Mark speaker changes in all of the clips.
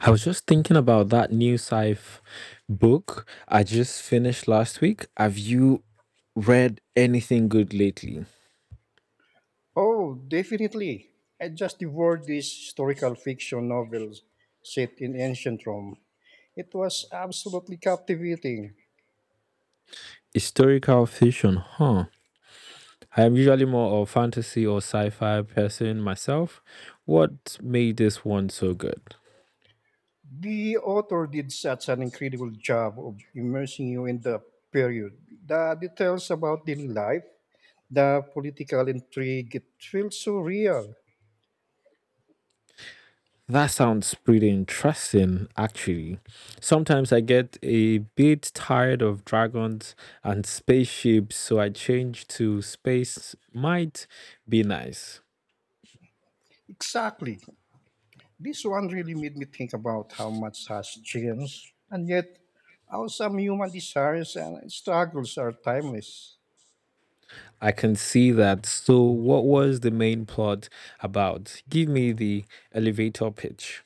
Speaker 1: I was just thinking about that new sci-fi book I just finished last week. Have you read anything good lately?
Speaker 2: Oh, definitely. I just devoured these historical fiction novels set in ancient Rome. It was absolutely captivating.
Speaker 1: Historical fiction, huh? I am usually more of fantasy or sci-fi person myself. What made this one so good?
Speaker 2: The author did such an incredible job of immersing you in the period. The details about daily life, the political intrigue, it feels so real.
Speaker 1: That sounds pretty interesting, actually. Sometimes I get a bit tired of dragons and spaceships, so I change to space might be nice.
Speaker 2: Exactly. This one really made me think about how much has changed, and yet how some human desires and struggles are timeless.
Speaker 1: I can see that. So, what was the main plot about? Give me the elevator pitch.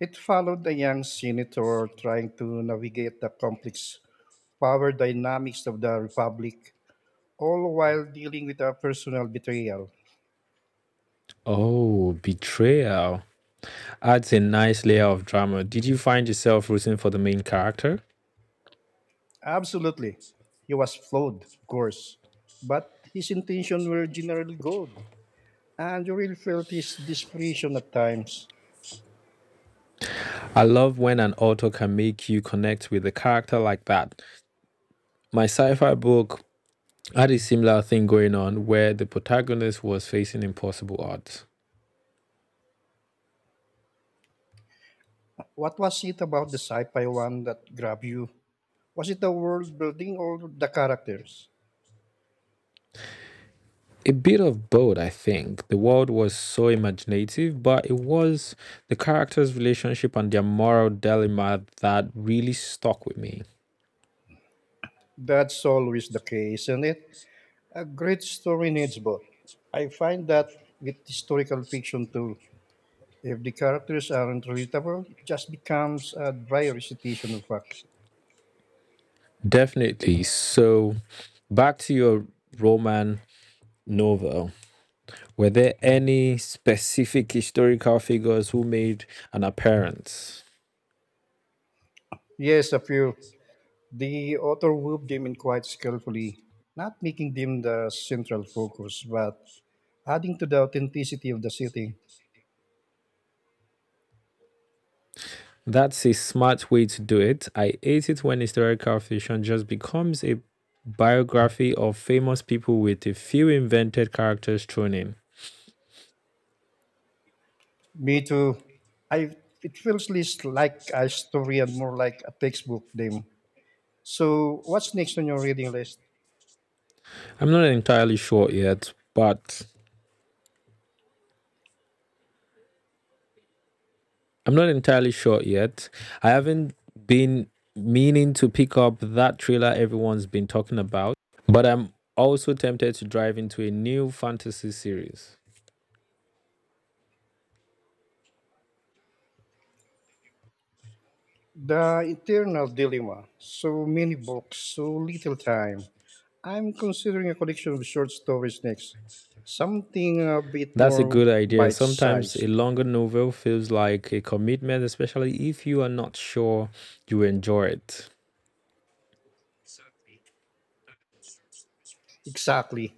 Speaker 2: It followed a young senator trying to navigate the complex power dynamics of the Republic, all while dealing with a personal betrayal.
Speaker 1: Oh, betrayal adds a nice layer of drama. Did you find yourself rooting for the main character?
Speaker 2: Absolutely. He was flawed, of course, but his intentions were generally good, and you really felt his desperation at times.
Speaker 1: I love when an author can make you connect with a character like that. My sci fi book had a similar thing going on where the protagonist was facing impossible odds.
Speaker 2: What was it about the sci fi one that grabbed you? Was it the world building or the characters?
Speaker 1: A bit of both, I think. The world was so imaginative, but it was the characters' relationship and their moral dilemma that really stuck with me.
Speaker 2: That's always the case, isn't it? A great story needs both. I find that with historical fiction too. If the characters aren't relatable, it just becomes a dry recitation of facts.
Speaker 1: Definitely. So, back to your Roman novel, were there any specific historical figures who made an appearance?
Speaker 2: Yes, a few. The author wove them in quite skillfully, not making them the central focus, but adding to the authenticity of the setting.
Speaker 1: That's a smart way to do it. I hate it when historical fiction just becomes a biography of famous people with a few invented characters thrown in.
Speaker 2: Me too. I It feels less like a story and more like a textbook. Them, so, what's next on your reading list?
Speaker 1: I'm not entirely sure yet, but I'm not entirely sure yet. I haven't been meaning to pick up that trailer everyone's been talking about, but I'm also tempted to dive into a new fantasy series.
Speaker 2: The Eternal Dilemma. So many books, so little time. I'm considering a collection of short stories next. Something a bit
Speaker 1: That's a
Speaker 2: more
Speaker 1: good idea.
Speaker 2: bite
Speaker 1: Sometimes a
Speaker 2: sized.
Speaker 1: longer novel feels like a commitment, especially if you are not sure you enjoy it.
Speaker 2: Exactly.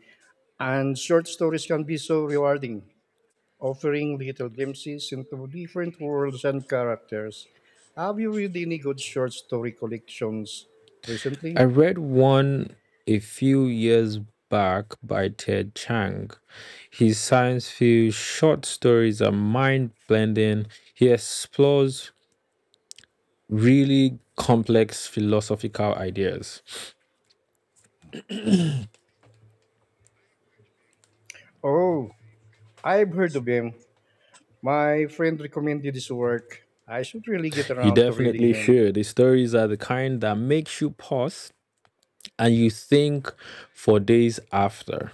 Speaker 2: And short stories can be so rewarding, offering little glimpses into different worlds and characters. Have you read any good short story collections
Speaker 1: I
Speaker 2: recently?
Speaker 1: read one a few years back by Ted Chiang. His science fiction short stories are mind blending. He explores really complex philosophical ideas.
Speaker 2: Oh, I've heard of him. My friend recommended his work. I should really get
Speaker 1: You
Speaker 2: around to reading
Speaker 1: definitely
Speaker 2: him.
Speaker 1: should. The stories are the kind that makes you pause and you think for days after.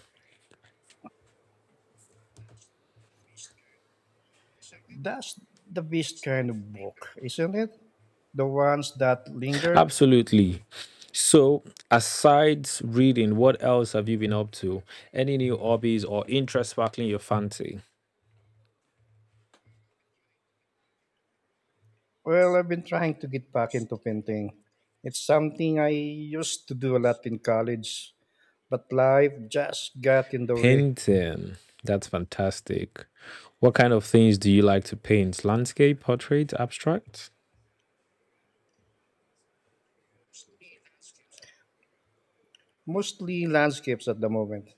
Speaker 2: That's the best kind of book, isn't it? The ones that linger.
Speaker 1: Absolutely. So, asides reading, what else have you been up to? Any new hobbies or interests sparkling your fancy?
Speaker 2: Well, I've been trying to get back into painting. It's something I used to do a lot in college, but life just got in the way.
Speaker 1: Painting. That's fantastic. What kind of things do you like to paint? Landscape, portrait, abstract?
Speaker 2: Mostly landscapes at the moment.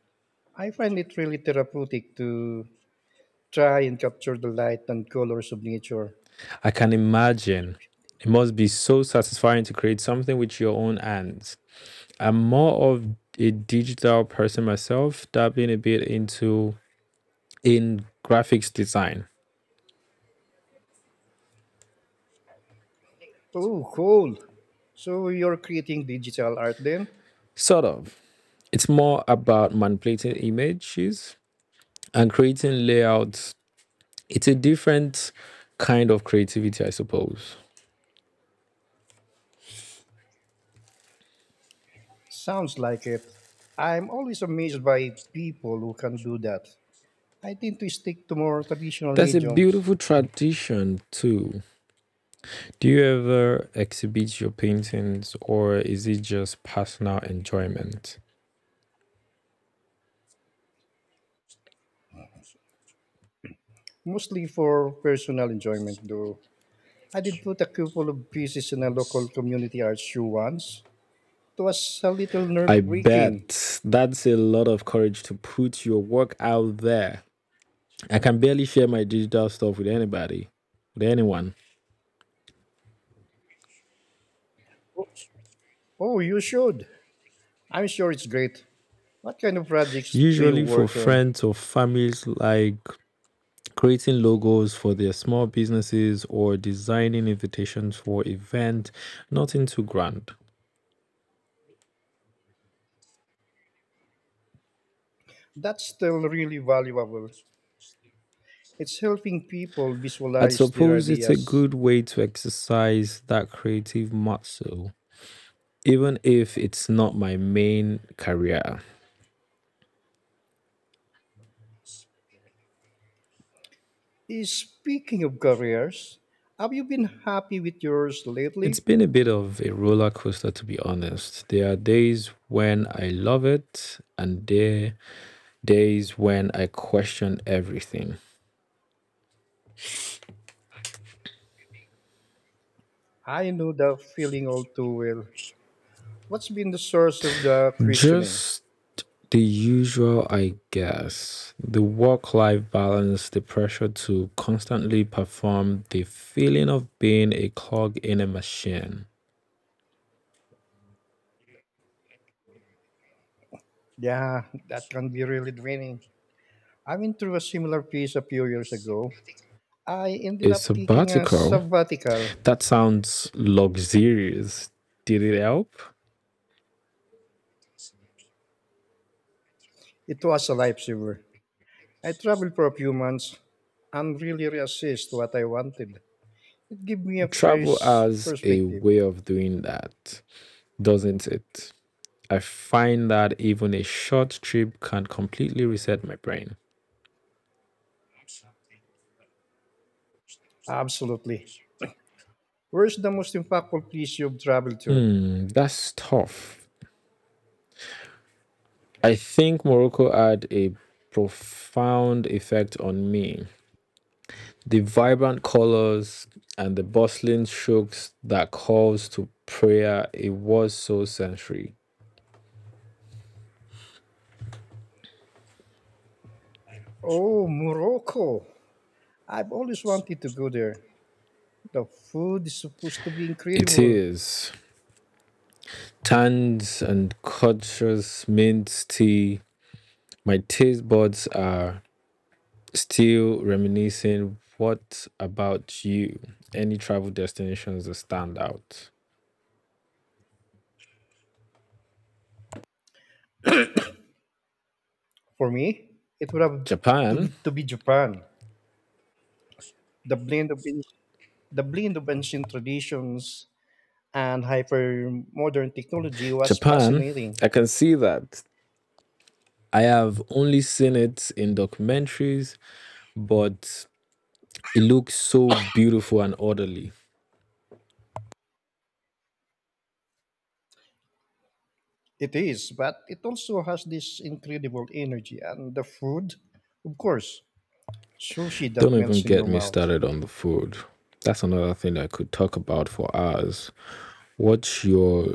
Speaker 2: I find it really therapeutic to try and capture the light and colors of nature.
Speaker 1: I can imagine. It must be so satisfying to create something with your own hands. I'm more of a digital person myself, dabbling a bit into in graphics design.
Speaker 2: Oh, cool. So you're creating digital art then?
Speaker 1: Sort of. It's more about manipulating images and creating layouts. It's a different kind of creativity, I suppose.
Speaker 2: Sounds like it. I'm always amazed by people who can do that. I tend to stick to more traditional
Speaker 1: That's a
Speaker 2: mediums,
Speaker 1: beautiful tradition too. Do you ever exhibit your paintings or is it just personal enjoyment?
Speaker 2: mostly for personal enjoyment, though. I did put a couple of pieces in a local community art show once. It was a little
Speaker 1: I
Speaker 2: nerve breaking.
Speaker 1: bet that's a lot of courage to put your work out there. I can barely share my digital stuff with anyone.
Speaker 2: Oh, you should. I'm sure it's great. What kind of projects do you
Speaker 1: Usually for
Speaker 2: work on?
Speaker 1: friends or families like creating logos for their small businesses or designing invitations for events, nothing too grand.
Speaker 2: That's still really valuable. It's helping people
Speaker 1: I
Speaker 2: visualize their
Speaker 1: suppose it's a
Speaker 2: ideas.
Speaker 1: good way to exercise that creative muscle, even if it's not my main career.
Speaker 2: Speaking of careers, have you been happy with yours
Speaker 1: It's
Speaker 2: lately?
Speaker 1: been a bit of a roller coaster, to be honest. There are days when I love it, and there are days when I question everything.
Speaker 2: I know the feeling all too well. What's been the source of the questioning?
Speaker 1: Just the usual, I guess. The work life balance, the pressure to constantly perform, the feeling of being a cog in a machine.
Speaker 2: Yeah, that can be really draining. I went through a similar phase a few years ago. I
Speaker 1: A
Speaker 2: ended up taking a
Speaker 1: sabbatical.
Speaker 2: sabbatical.
Speaker 1: That sounds luxurious. Did it help?
Speaker 2: It was a lifesaver. I traveled for a few months and really reassessed what I wanted. It gave me a
Speaker 1: Travel
Speaker 2: fresh
Speaker 1: as a
Speaker 2: perspective.
Speaker 1: way of doing that, doesn't it? I find that even a short trip can completely reset my brain.
Speaker 2: Absolutely. Where's the most impactful place you've traveled to?
Speaker 1: Hmm, that's tough. I think Morocco had a profound effect on me. The vibrant colors and the bustling shooks that calls to prayer, it was so sensory.
Speaker 2: Oh, Morocco. I've always wanted to go there. The food is supposed to be
Speaker 1: It
Speaker 2: incredible.
Speaker 1: is. Tans and conscious means tea. My taste buds are still reminiscing. What about you? Any travel destinations that stand out?
Speaker 2: For me, it would have to,
Speaker 1: Japan.
Speaker 2: to be Japan. The blend of the blend of ancient traditions and hyper modern technology was
Speaker 1: Japan.
Speaker 2: fascinating.
Speaker 1: I can see that. I have only seen it in documentaries, but it looks so beautiful and orderly.
Speaker 2: It is, but it also has this incredible energy and the food, of course, sushi
Speaker 1: Don't
Speaker 2: that
Speaker 1: even
Speaker 2: melts in
Speaker 1: get
Speaker 2: your
Speaker 1: me
Speaker 2: mouth.
Speaker 1: started on the food. That's another thing I could talk about for hours. What's your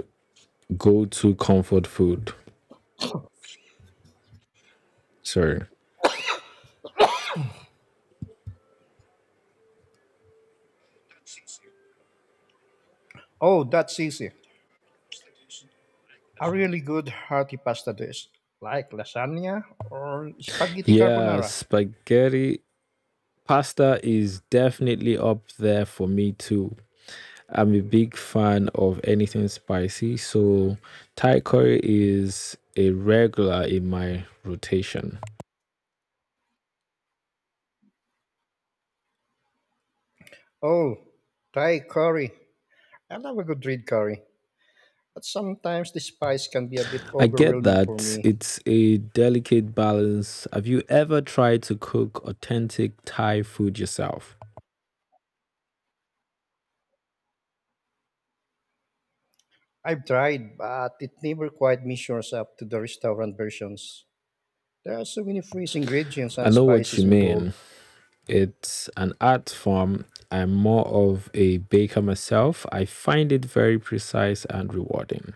Speaker 1: go to comfort food? Sorry.
Speaker 2: Oh, that's easy. A really good hearty pasta dish, like lasagna or spaghetti
Speaker 1: Yeah,
Speaker 2: carbonara.
Speaker 1: spaghetti pasta is definitely up there for me too. I'm a big fan of anything spicy, so Thai curry is a regular in my rotation.
Speaker 2: Oh, Thai curry. I love a good red curry, but sometimes the spice can be a bit
Speaker 1: I get
Speaker 2: overwhelming for
Speaker 1: that
Speaker 2: me.
Speaker 1: it's a delicate balance. Have you ever tried to cook authentic Thai food yourself?
Speaker 2: I've tried, but it never quite measures up to the restaurant versions. There are so many fresh ingredients
Speaker 1: I
Speaker 2: and
Speaker 1: know what you
Speaker 2: spices
Speaker 1: mean.
Speaker 2: involved.
Speaker 1: It's an art form. I'm more of a baker myself. I find it very precise and rewarding.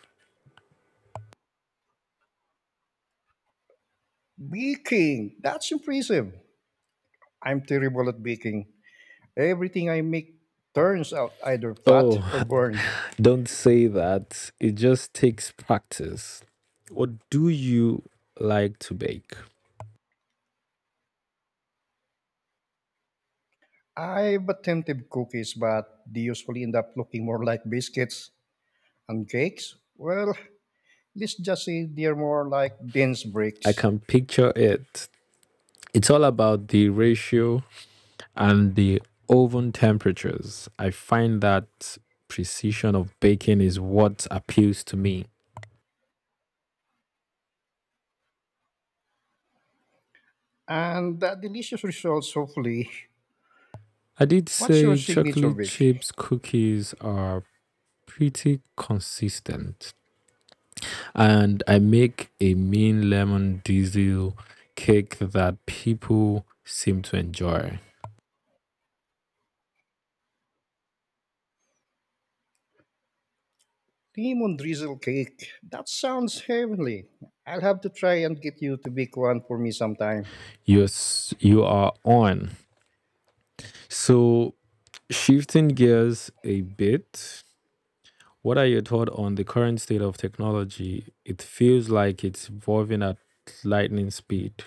Speaker 2: Baking! That's impressive. I'm terrible at baking. Everything I make turns out either flat or
Speaker 1: Oh,
Speaker 2: burned.
Speaker 1: don't say that. It just takes practice. What do you like to bake?
Speaker 2: I've attempted cookies, but they usually end up looking more like biscuits and cakes. Well, let's just say they're more like dense
Speaker 1: I
Speaker 2: bricks.
Speaker 1: can picture it. It's all about the ratio and the oven temperatures. I find that precision of baking is what appeals to me.
Speaker 2: And the delicious results, hopefully.
Speaker 1: I did
Speaker 2: What's your
Speaker 1: say
Speaker 2: signature
Speaker 1: chocolate
Speaker 2: bake?
Speaker 1: chips cookies are pretty consistent. And I make a mean lemon diesel cake that people seem to enjoy.
Speaker 2: Lemon drizzle cake. That sounds heavenly. I'll have to try and get you to bake one for me sometime.
Speaker 1: You are on. So, shifting gears a bit, what are your thoughts on the current state of technology? It feels like it's evolving at lightning speed.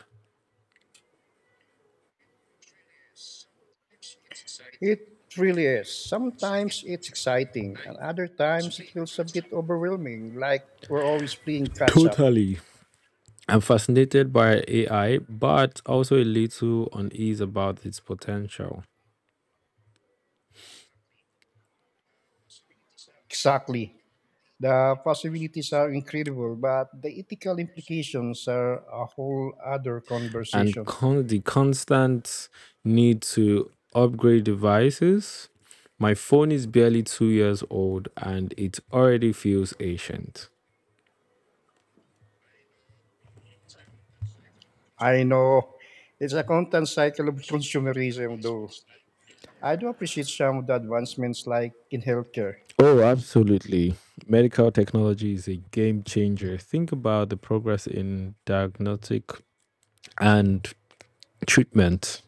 Speaker 2: It really is. Sometimes it's exciting, and other times it feels a bit overwhelming, like we're always playing catch up.
Speaker 1: Totally. I'm fascinated by AI, but also a little unease about its potential.
Speaker 2: Exactly. The possibilities are incredible, but the ethical implications are a whole other
Speaker 1: and
Speaker 2: conversation.
Speaker 1: con- the constant need to upgrade devices. My phone is barely two years old and it already feels ancient.
Speaker 2: I know it's a constant cycle of consumerism, though. I do appreciate some of the advancements, like in healthcare,
Speaker 1: Oh, absolutely. Medical technology is a game changer. Think about the progress in diagnostic and treatment.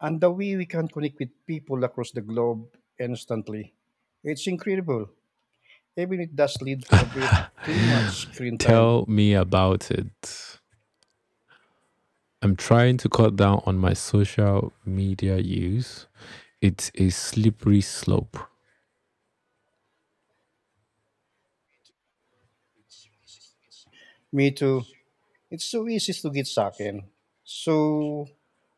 Speaker 2: and the way we can connect with people across the globe instantly. It's incredible, even it does lead to a bit too much screen time.
Speaker 1: Tell me about it. I'm trying to cut down on my social media use. It's a slippery slope.
Speaker 2: Me too. It's so easy to get sucked in. So,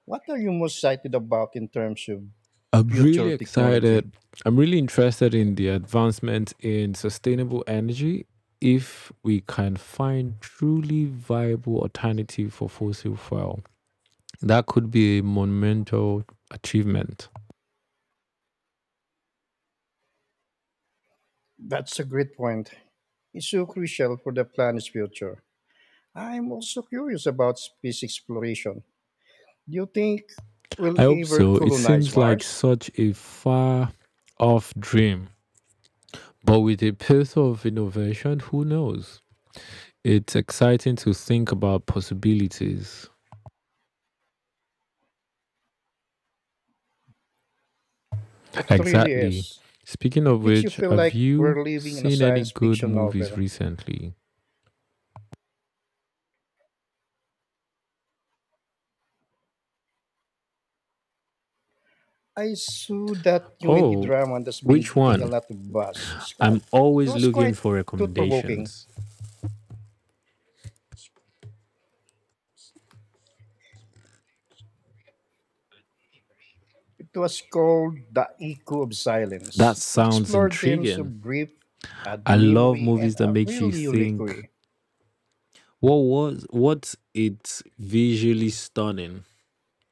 Speaker 2: what are you most excited about in terms of
Speaker 1: I'm really
Speaker 2: future technology?
Speaker 1: excited. I'm really interested in the advancement in sustainable energy if we can find truly viable alternative for fossil fuel. That could be a monumental achievement.
Speaker 2: That's a great point. It's so crucial for the planet's future. I'm also curious about space exploration. Do you think we'll
Speaker 1: I hope
Speaker 2: ever
Speaker 1: so. It
Speaker 2: colonize
Speaker 1: seems like
Speaker 2: Mars?
Speaker 1: such a far off dream, but with a pace of innovation, who knows? It's exciting to think about possibilities.
Speaker 2: It really
Speaker 1: Exactly.
Speaker 2: is.
Speaker 1: Speaking
Speaker 2: It
Speaker 1: of
Speaker 2: makes you
Speaker 1: which,
Speaker 2: feel
Speaker 1: have
Speaker 2: like
Speaker 1: you
Speaker 2: we're living in a
Speaker 1: seen any
Speaker 2: science
Speaker 1: good
Speaker 2: fiction
Speaker 1: movies
Speaker 2: novel.
Speaker 1: recently?
Speaker 2: I saw that new indie
Speaker 1: Oh,
Speaker 2: drama that's been
Speaker 1: which
Speaker 2: getting a
Speaker 1: one?
Speaker 2: lot of buzz.
Speaker 1: I'm
Speaker 2: It
Speaker 1: always
Speaker 2: was
Speaker 1: looking
Speaker 2: quite
Speaker 1: for
Speaker 2: thought provoking.
Speaker 1: recommendations.
Speaker 2: It was called The Echo of
Speaker 1: That
Speaker 2: Silence. It
Speaker 1: sounds
Speaker 2: explored themes
Speaker 1: intriguing.
Speaker 2: of grief, and
Speaker 1: I love
Speaker 2: memory in
Speaker 1: movies that
Speaker 2: a
Speaker 1: makes you
Speaker 2: really unique
Speaker 1: think.
Speaker 2: way.
Speaker 1: What was what it visually stunning?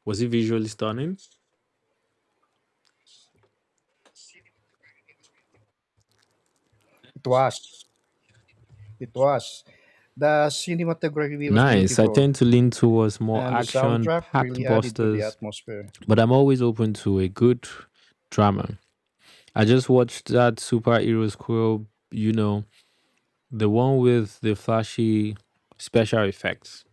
Speaker 1: Was it visually stunning?
Speaker 2: It was. It was. The cinematography was
Speaker 1: Nice. I
Speaker 2: beautiful,
Speaker 1: tend to lean towards more
Speaker 2: and the soundtrack
Speaker 1: action-packed
Speaker 2: really added to the
Speaker 1: busters,
Speaker 2: atmosphere.
Speaker 1: but I'm always open to a good drama. I just watched that superhero squirrel, you know, the one with the flashy special effects.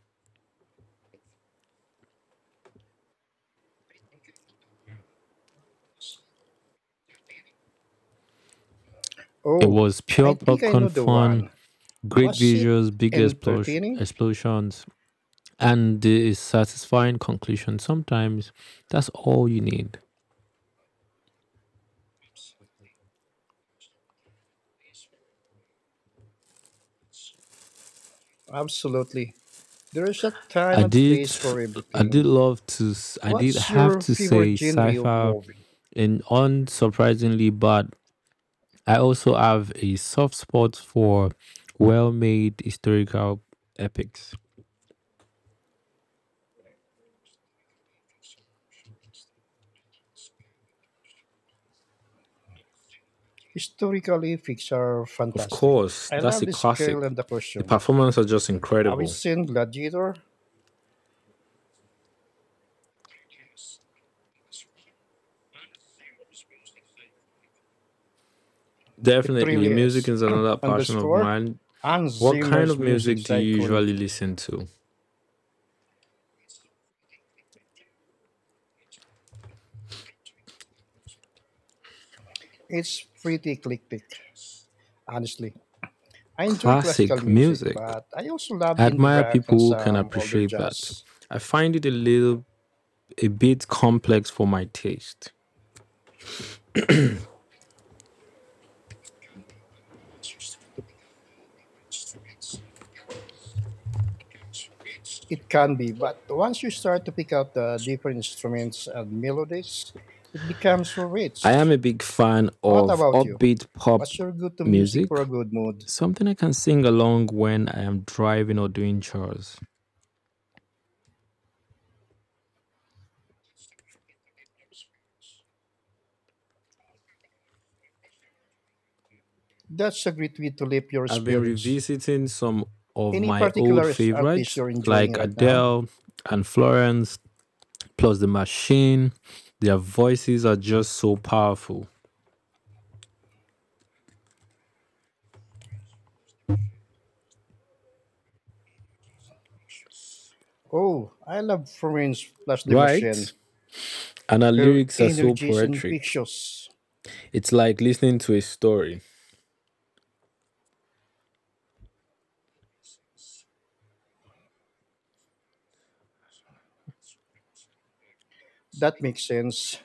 Speaker 1: It
Speaker 2: Oh,
Speaker 1: was
Speaker 2: I
Speaker 1: pure
Speaker 2: think I know
Speaker 1: popcorn
Speaker 2: the
Speaker 1: fun,
Speaker 2: one.
Speaker 1: great
Speaker 2: Was it
Speaker 1: visuals, big
Speaker 2: entertaining?
Speaker 1: explosions, and a satisfying conclusion. Sometimes that's all you need.
Speaker 2: Absolutely. There is a time
Speaker 1: I
Speaker 2: and
Speaker 1: did,
Speaker 2: place for
Speaker 1: I did
Speaker 2: everything.
Speaker 1: love to, s- I did
Speaker 2: What's
Speaker 1: have
Speaker 2: your
Speaker 1: to say
Speaker 2: favorite genre of
Speaker 1: sci-fi,
Speaker 2: movie?
Speaker 1: and unsurprisingly, but I also have a soft spot for well-made historical epics.
Speaker 2: Historically, Pixar are
Speaker 1: Of
Speaker 2: fantastic.
Speaker 1: course,
Speaker 2: I
Speaker 1: that's a
Speaker 2: love the
Speaker 1: classic.
Speaker 2: scale and the
Speaker 1: The
Speaker 2: costumes.
Speaker 1: performances are just
Speaker 2: Have you
Speaker 1: incredible.
Speaker 2: seen Gladiator? It
Speaker 1: Definitely,
Speaker 2: really
Speaker 1: music
Speaker 2: is.
Speaker 1: is another
Speaker 2: And the
Speaker 1: passion of
Speaker 2: score?
Speaker 1: mine.
Speaker 2: Hans
Speaker 1: What kind
Speaker 2: Zimmer's
Speaker 1: of
Speaker 2: music
Speaker 1: music
Speaker 2: is
Speaker 1: do you usually
Speaker 2: iconic.
Speaker 1: listen to?
Speaker 2: It's pretty eclectic, honestly. I enjoy classical
Speaker 1: Classic
Speaker 2: music,
Speaker 1: music.
Speaker 2: but I also love
Speaker 1: I
Speaker 2: indie
Speaker 1: admire
Speaker 2: rock
Speaker 1: people
Speaker 2: and
Speaker 1: who can
Speaker 2: some older
Speaker 1: appreciate that.
Speaker 2: jazz.
Speaker 1: I find it a bit complex for my taste.
Speaker 2: It can be, but once you start to pick up the different instruments and melodies, it becomes so
Speaker 1: I am
Speaker 2: rich.
Speaker 1: a big fan
Speaker 2: What
Speaker 1: of
Speaker 2: about you?
Speaker 1: upbeat pop
Speaker 2: What's your go-to music
Speaker 1: music,
Speaker 2: for a good mood?
Speaker 1: something I can sing along when I am driving or doing chores.
Speaker 2: That's a great way to lift your
Speaker 1: I've been
Speaker 2: spirits.
Speaker 1: revisiting some of
Speaker 2: Any
Speaker 1: my old
Speaker 2: particular artist
Speaker 1: favorites
Speaker 2: you're enjoying
Speaker 1: like
Speaker 2: right now?
Speaker 1: Adele and Florence, plus The Machine. Their voices are just so powerful,
Speaker 2: Oh, I love Florence Plus de Machine.
Speaker 1: right? And her
Speaker 2: Her
Speaker 1: lyrics are so
Speaker 2: energy is
Speaker 1: poetic.
Speaker 2: infectious.
Speaker 1: It's like listening to a story.
Speaker 2: That makes sense.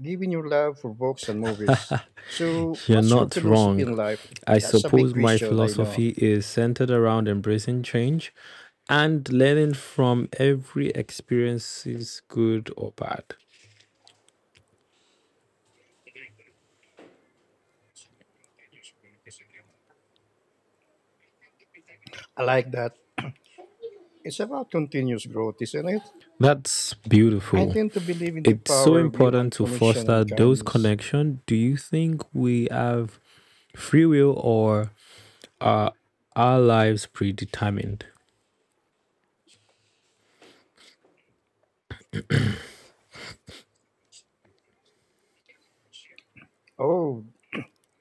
Speaker 2: Given your love for books and movies. So,
Speaker 1: You're
Speaker 2: what's your
Speaker 1: not
Speaker 2: philosophy
Speaker 1: wrong.
Speaker 2: in life?
Speaker 1: I
Speaker 2: That's a big
Speaker 1: suppose my
Speaker 2: question, I know.
Speaker 1: philosophy is centered around embracing change and learning from every experience, is good or bad.
Speaker 2: I like that. It's about continuous growth, isn't it?
Speaker 1: That's
Speaker 2: I
Speaker 1: beautiful.
Speaker 2: tend to believe in the
Speaker 1: It's so
Speaker 2: power of human
Speaker 1: important to
Speaker 2: connection
Speaker 1: foster
Speaker 2: and
Speaker 1: those
Speaker 2: kindness.
Speaker 1: connections. Do you think we have free will or are our lives predetermined?
Speaker 2: Oh,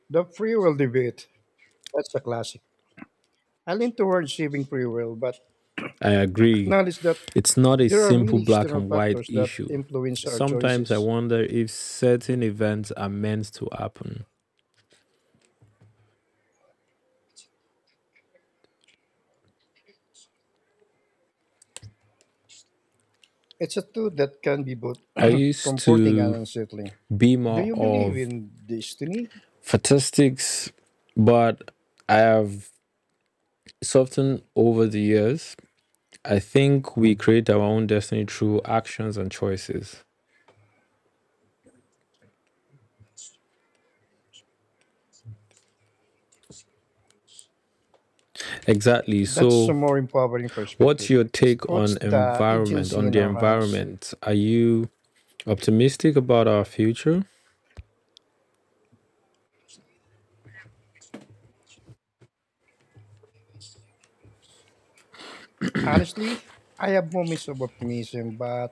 Speaker 2: the free will debate. That's a classic. I lean towards saving free will, but
Speaker 1: I agree.
Speaker 2: acknowledge that
Speaker 1: It's not a
Speaker 2: there are
Speaker 1: simple
Speaker 2: many
Speaker 1: black
Speaker 2: external
Speaker 1: and white
Speaker 2: factors that
Speaker 1: issue.
Speaker 2: influence our
Speaker 1: Sometimes I
Speaker 2: choices.
Speaker 1: wonder if certain events are meant to happen.
Speaker 2: It's a thought that can be both
Speaker 1: I used
Speaker 2: comforting and
Speaker 1: to
Speaker 2: unsettling.
Speaker 1: be
Speaker 2: Do
Speaker 1: more
Speaker 2: you believe
Speaker 1: of
Speaker 2: in destiny?
Speaker 1: statistics, but I have softened over the years. I think we create our own destiny through actions and choices. Exactly.
Speaker 2: That's
Speaker 1: So,
Speaker 2: a more empowering
Speaker 1: what's
Speaker 2: perspective.
Speaker 1: your
Speaker 2: It
Speaker 1: take on
Speaker 2: puts the
Speaker 1: environment,
Speaker 2: agency
Speaker 1: on
Speaker 2: in
Speaker 1: the
Speaker 2: our hands.
Speaker 1: environment? Are you optimistic about our future?
Speaker 2: Honestly, I have moments of optimism, but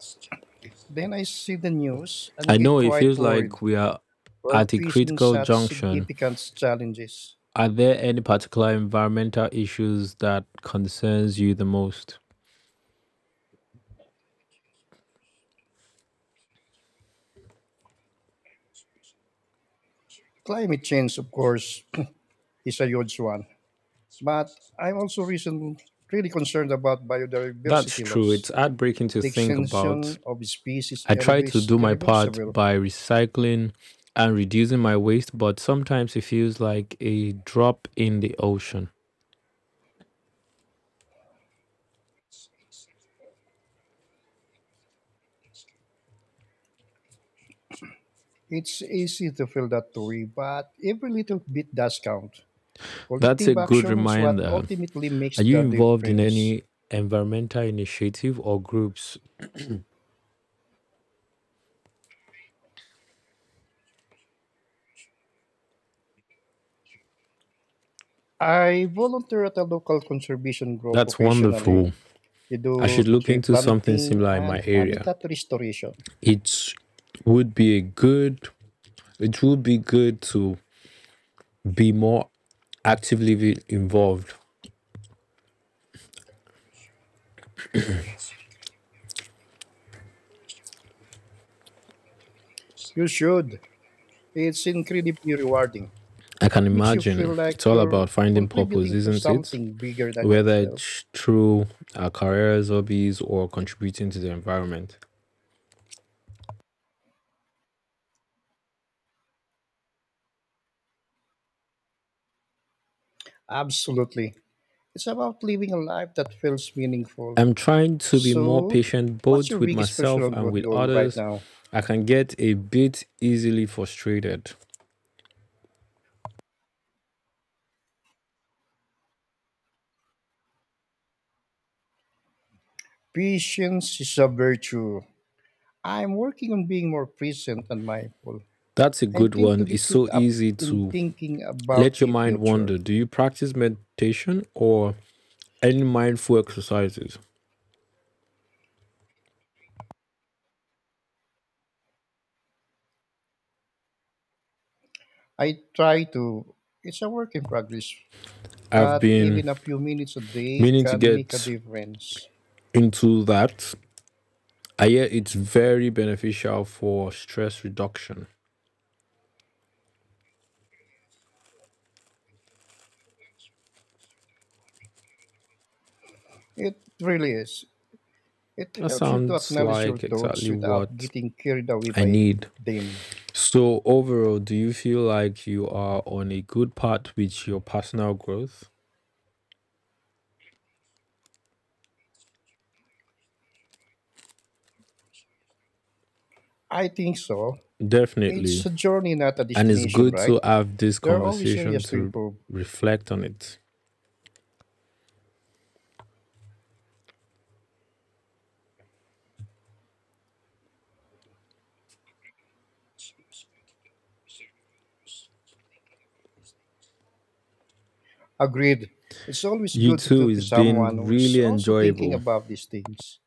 Speaker 2: then I see the news and
Speaker 1: I
Speaker 2: get
Speaker 1: know it
Speaker 2: quite
Speaker 1: feels like
Speaker 2: worried.
Speaker 1: we are
Speaker 2: We're
Speaker 1: at a
Speaker 2: facing
Speaker 1: critical
Speaker 2: such
Speaker 1: junction.
Speaker 2: significant challenges.
Speaker 1: Are there any particular environmental issues that concerns you the most?
Speaker 2: Climate change, of course, is a huge one. But I'm also recent, Really concerned about
Speaker 1: That's
Speaker 2: biodiversity
Speaker 1: true.
Speaker 2: loss.
Speaker 1: It's heartbreaking to
Speaker 2: The
Speaker 1: think about.
Speaker 2: extinction of species
Speaker 1: I try to
Speaker 2: is
Speaker 1: do my part
Speaker 2: irreversible.
Speaker 1: by recycling and reducing my waste, but sometimes it feels like a drop in the ocean.
Speaker 2: It's easy to feel that way, but every little bit does count.
Speaker 1: That's a
Speaker 2: Collective
Speaker 1: good
Speaker 2: action is what
Speaker 1: reminder.
Speaker 2: ultimately makes
Speaker 1: Are
Speaker 2: the
Speaker 1: you involved in
Speaker 2: difference.
Speaker 1: any environmental initiative or groups?
Speaker 2: I volunteer at a local conservation group
Speaker 1: That's
Speaker 2: occasionally.
Speaker 1: wonderful.
Speaker 2: We
Speaker 1: I should
Speaker 2: do
Speaker 1: look
Speaker 2: tree
Speaker 1: into something
Speaker 2: planting
Speaker 1: similar in
Speaker 2: and
Speaker 1: my area.
Speaker 2: habitat restoration.
Speaker 1: It would be a good it would be good to be more actively involved.
Speaker 2: You should. It's incredibly rewarding.
Speaker 1: I can
Speaker 2: It makes you feel
Speaker 1: imagine
Speaker 2: like
Speaker 1: it's all about
Speaker 2: you're
Speaker 1: finding purpose,
Speaker 2: contributing to
Speaker 1: isn't it?
Speaker 2: something bigger than
Speaker 1: Whether
Speaker 2: yourself.
Speaker 1: it's through our careers, hobbies, or contributing to the environment.
Speaker 2: Absolutely. It's about living a life that feels meaningful.
Speaker 1: I'm trying to be more
Speaker 2: So,
Speaker 1: patient
Speaker 2: what's
Speaker 1: both
Speaker 2: your
Speaker 1: with
Speaker 2: biggest
Speaker 1: myself
Speaker 2: personal
Speaker 1: and
Speaker 2: growth
Speaker 1: with
Speaker 2: goal right
Speaker 1: others.
Speaker 2: now?
Speaker 1: I can get a bit easily frustrated.
Speaker 2: Patience is a virtue. I'm working on being more present and mindful.
Speaker 1: That's a
Speaker 2: I
Speaker 1: good
Speaker 2: tend to
Speaker 1: one. It's
Speaker 2: get caught
Speaker 1: so
Speaker 2: up
Speaker 1: easy
Speaker 2: in
Speaker 1: to
Speaker 2: thinking about
Speaker 1: let your
Speaker 2: the
Speaker 1: mind
Speaker 2: future.
Speaker 1: wander. Do you practice meditation or any mindful exercises?
Speaker 2: I try to. It's a work in progress,
Speaker 1: I've
Speaker 2: but
Speaker 1: been
Speaker 2: even a few minutes a day
Speaker 1: meaning to
Speaker 2: can make a
Speaker 1: get
Speaker 2: difference.
Speaker 1: into that. I hear it's very beneficial for stress reduction.
Speaker 2: It really is. It
Speaker 1: That
Speaker 2: helps you to
Speaker 1: sounds
Speaker 2: acknowledge your
Speaker 1: like
Speaker 2: thoughts
Speaker 1: exactly
Speaker 2: without
Speaker 1: what
Speaker 2: getting carried away
Speaker 1: I
Speaker 2: by
Speaker 1: need.
Speaker 2: them.
Speaker 1: So overall, do you feel like you are on a good path with your personal growth?
Speaker 2: I think so.
Speaker 1: Definitely.
Speaker 2: It's a journey, not a
Speaker 1: And it's
Speaker 2: destination,
Speaker 1: good
Speaker 2: right?
Speaker 1: to have this
Speaker 2: There are always
Speaker 1: conversation
Speaker 2: areas to
Speaker 1: to
Speaker 2: improve.
Speaker 1: reflect on it.
Speaker 2: Agreed. It's always
Speaker 1: You
Speaker 2: good to
Speaker 1: too,
Speaker 2: talk to
Speaker 1: it's
Speaker 2: someone
Speaker 1: been
Speaker 2: who is
Speaker 1: really
Speaker 2: also thinking
Speaker 1: enjoyable.
Speaker 2: about these things.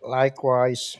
Speaker 2: Likewise,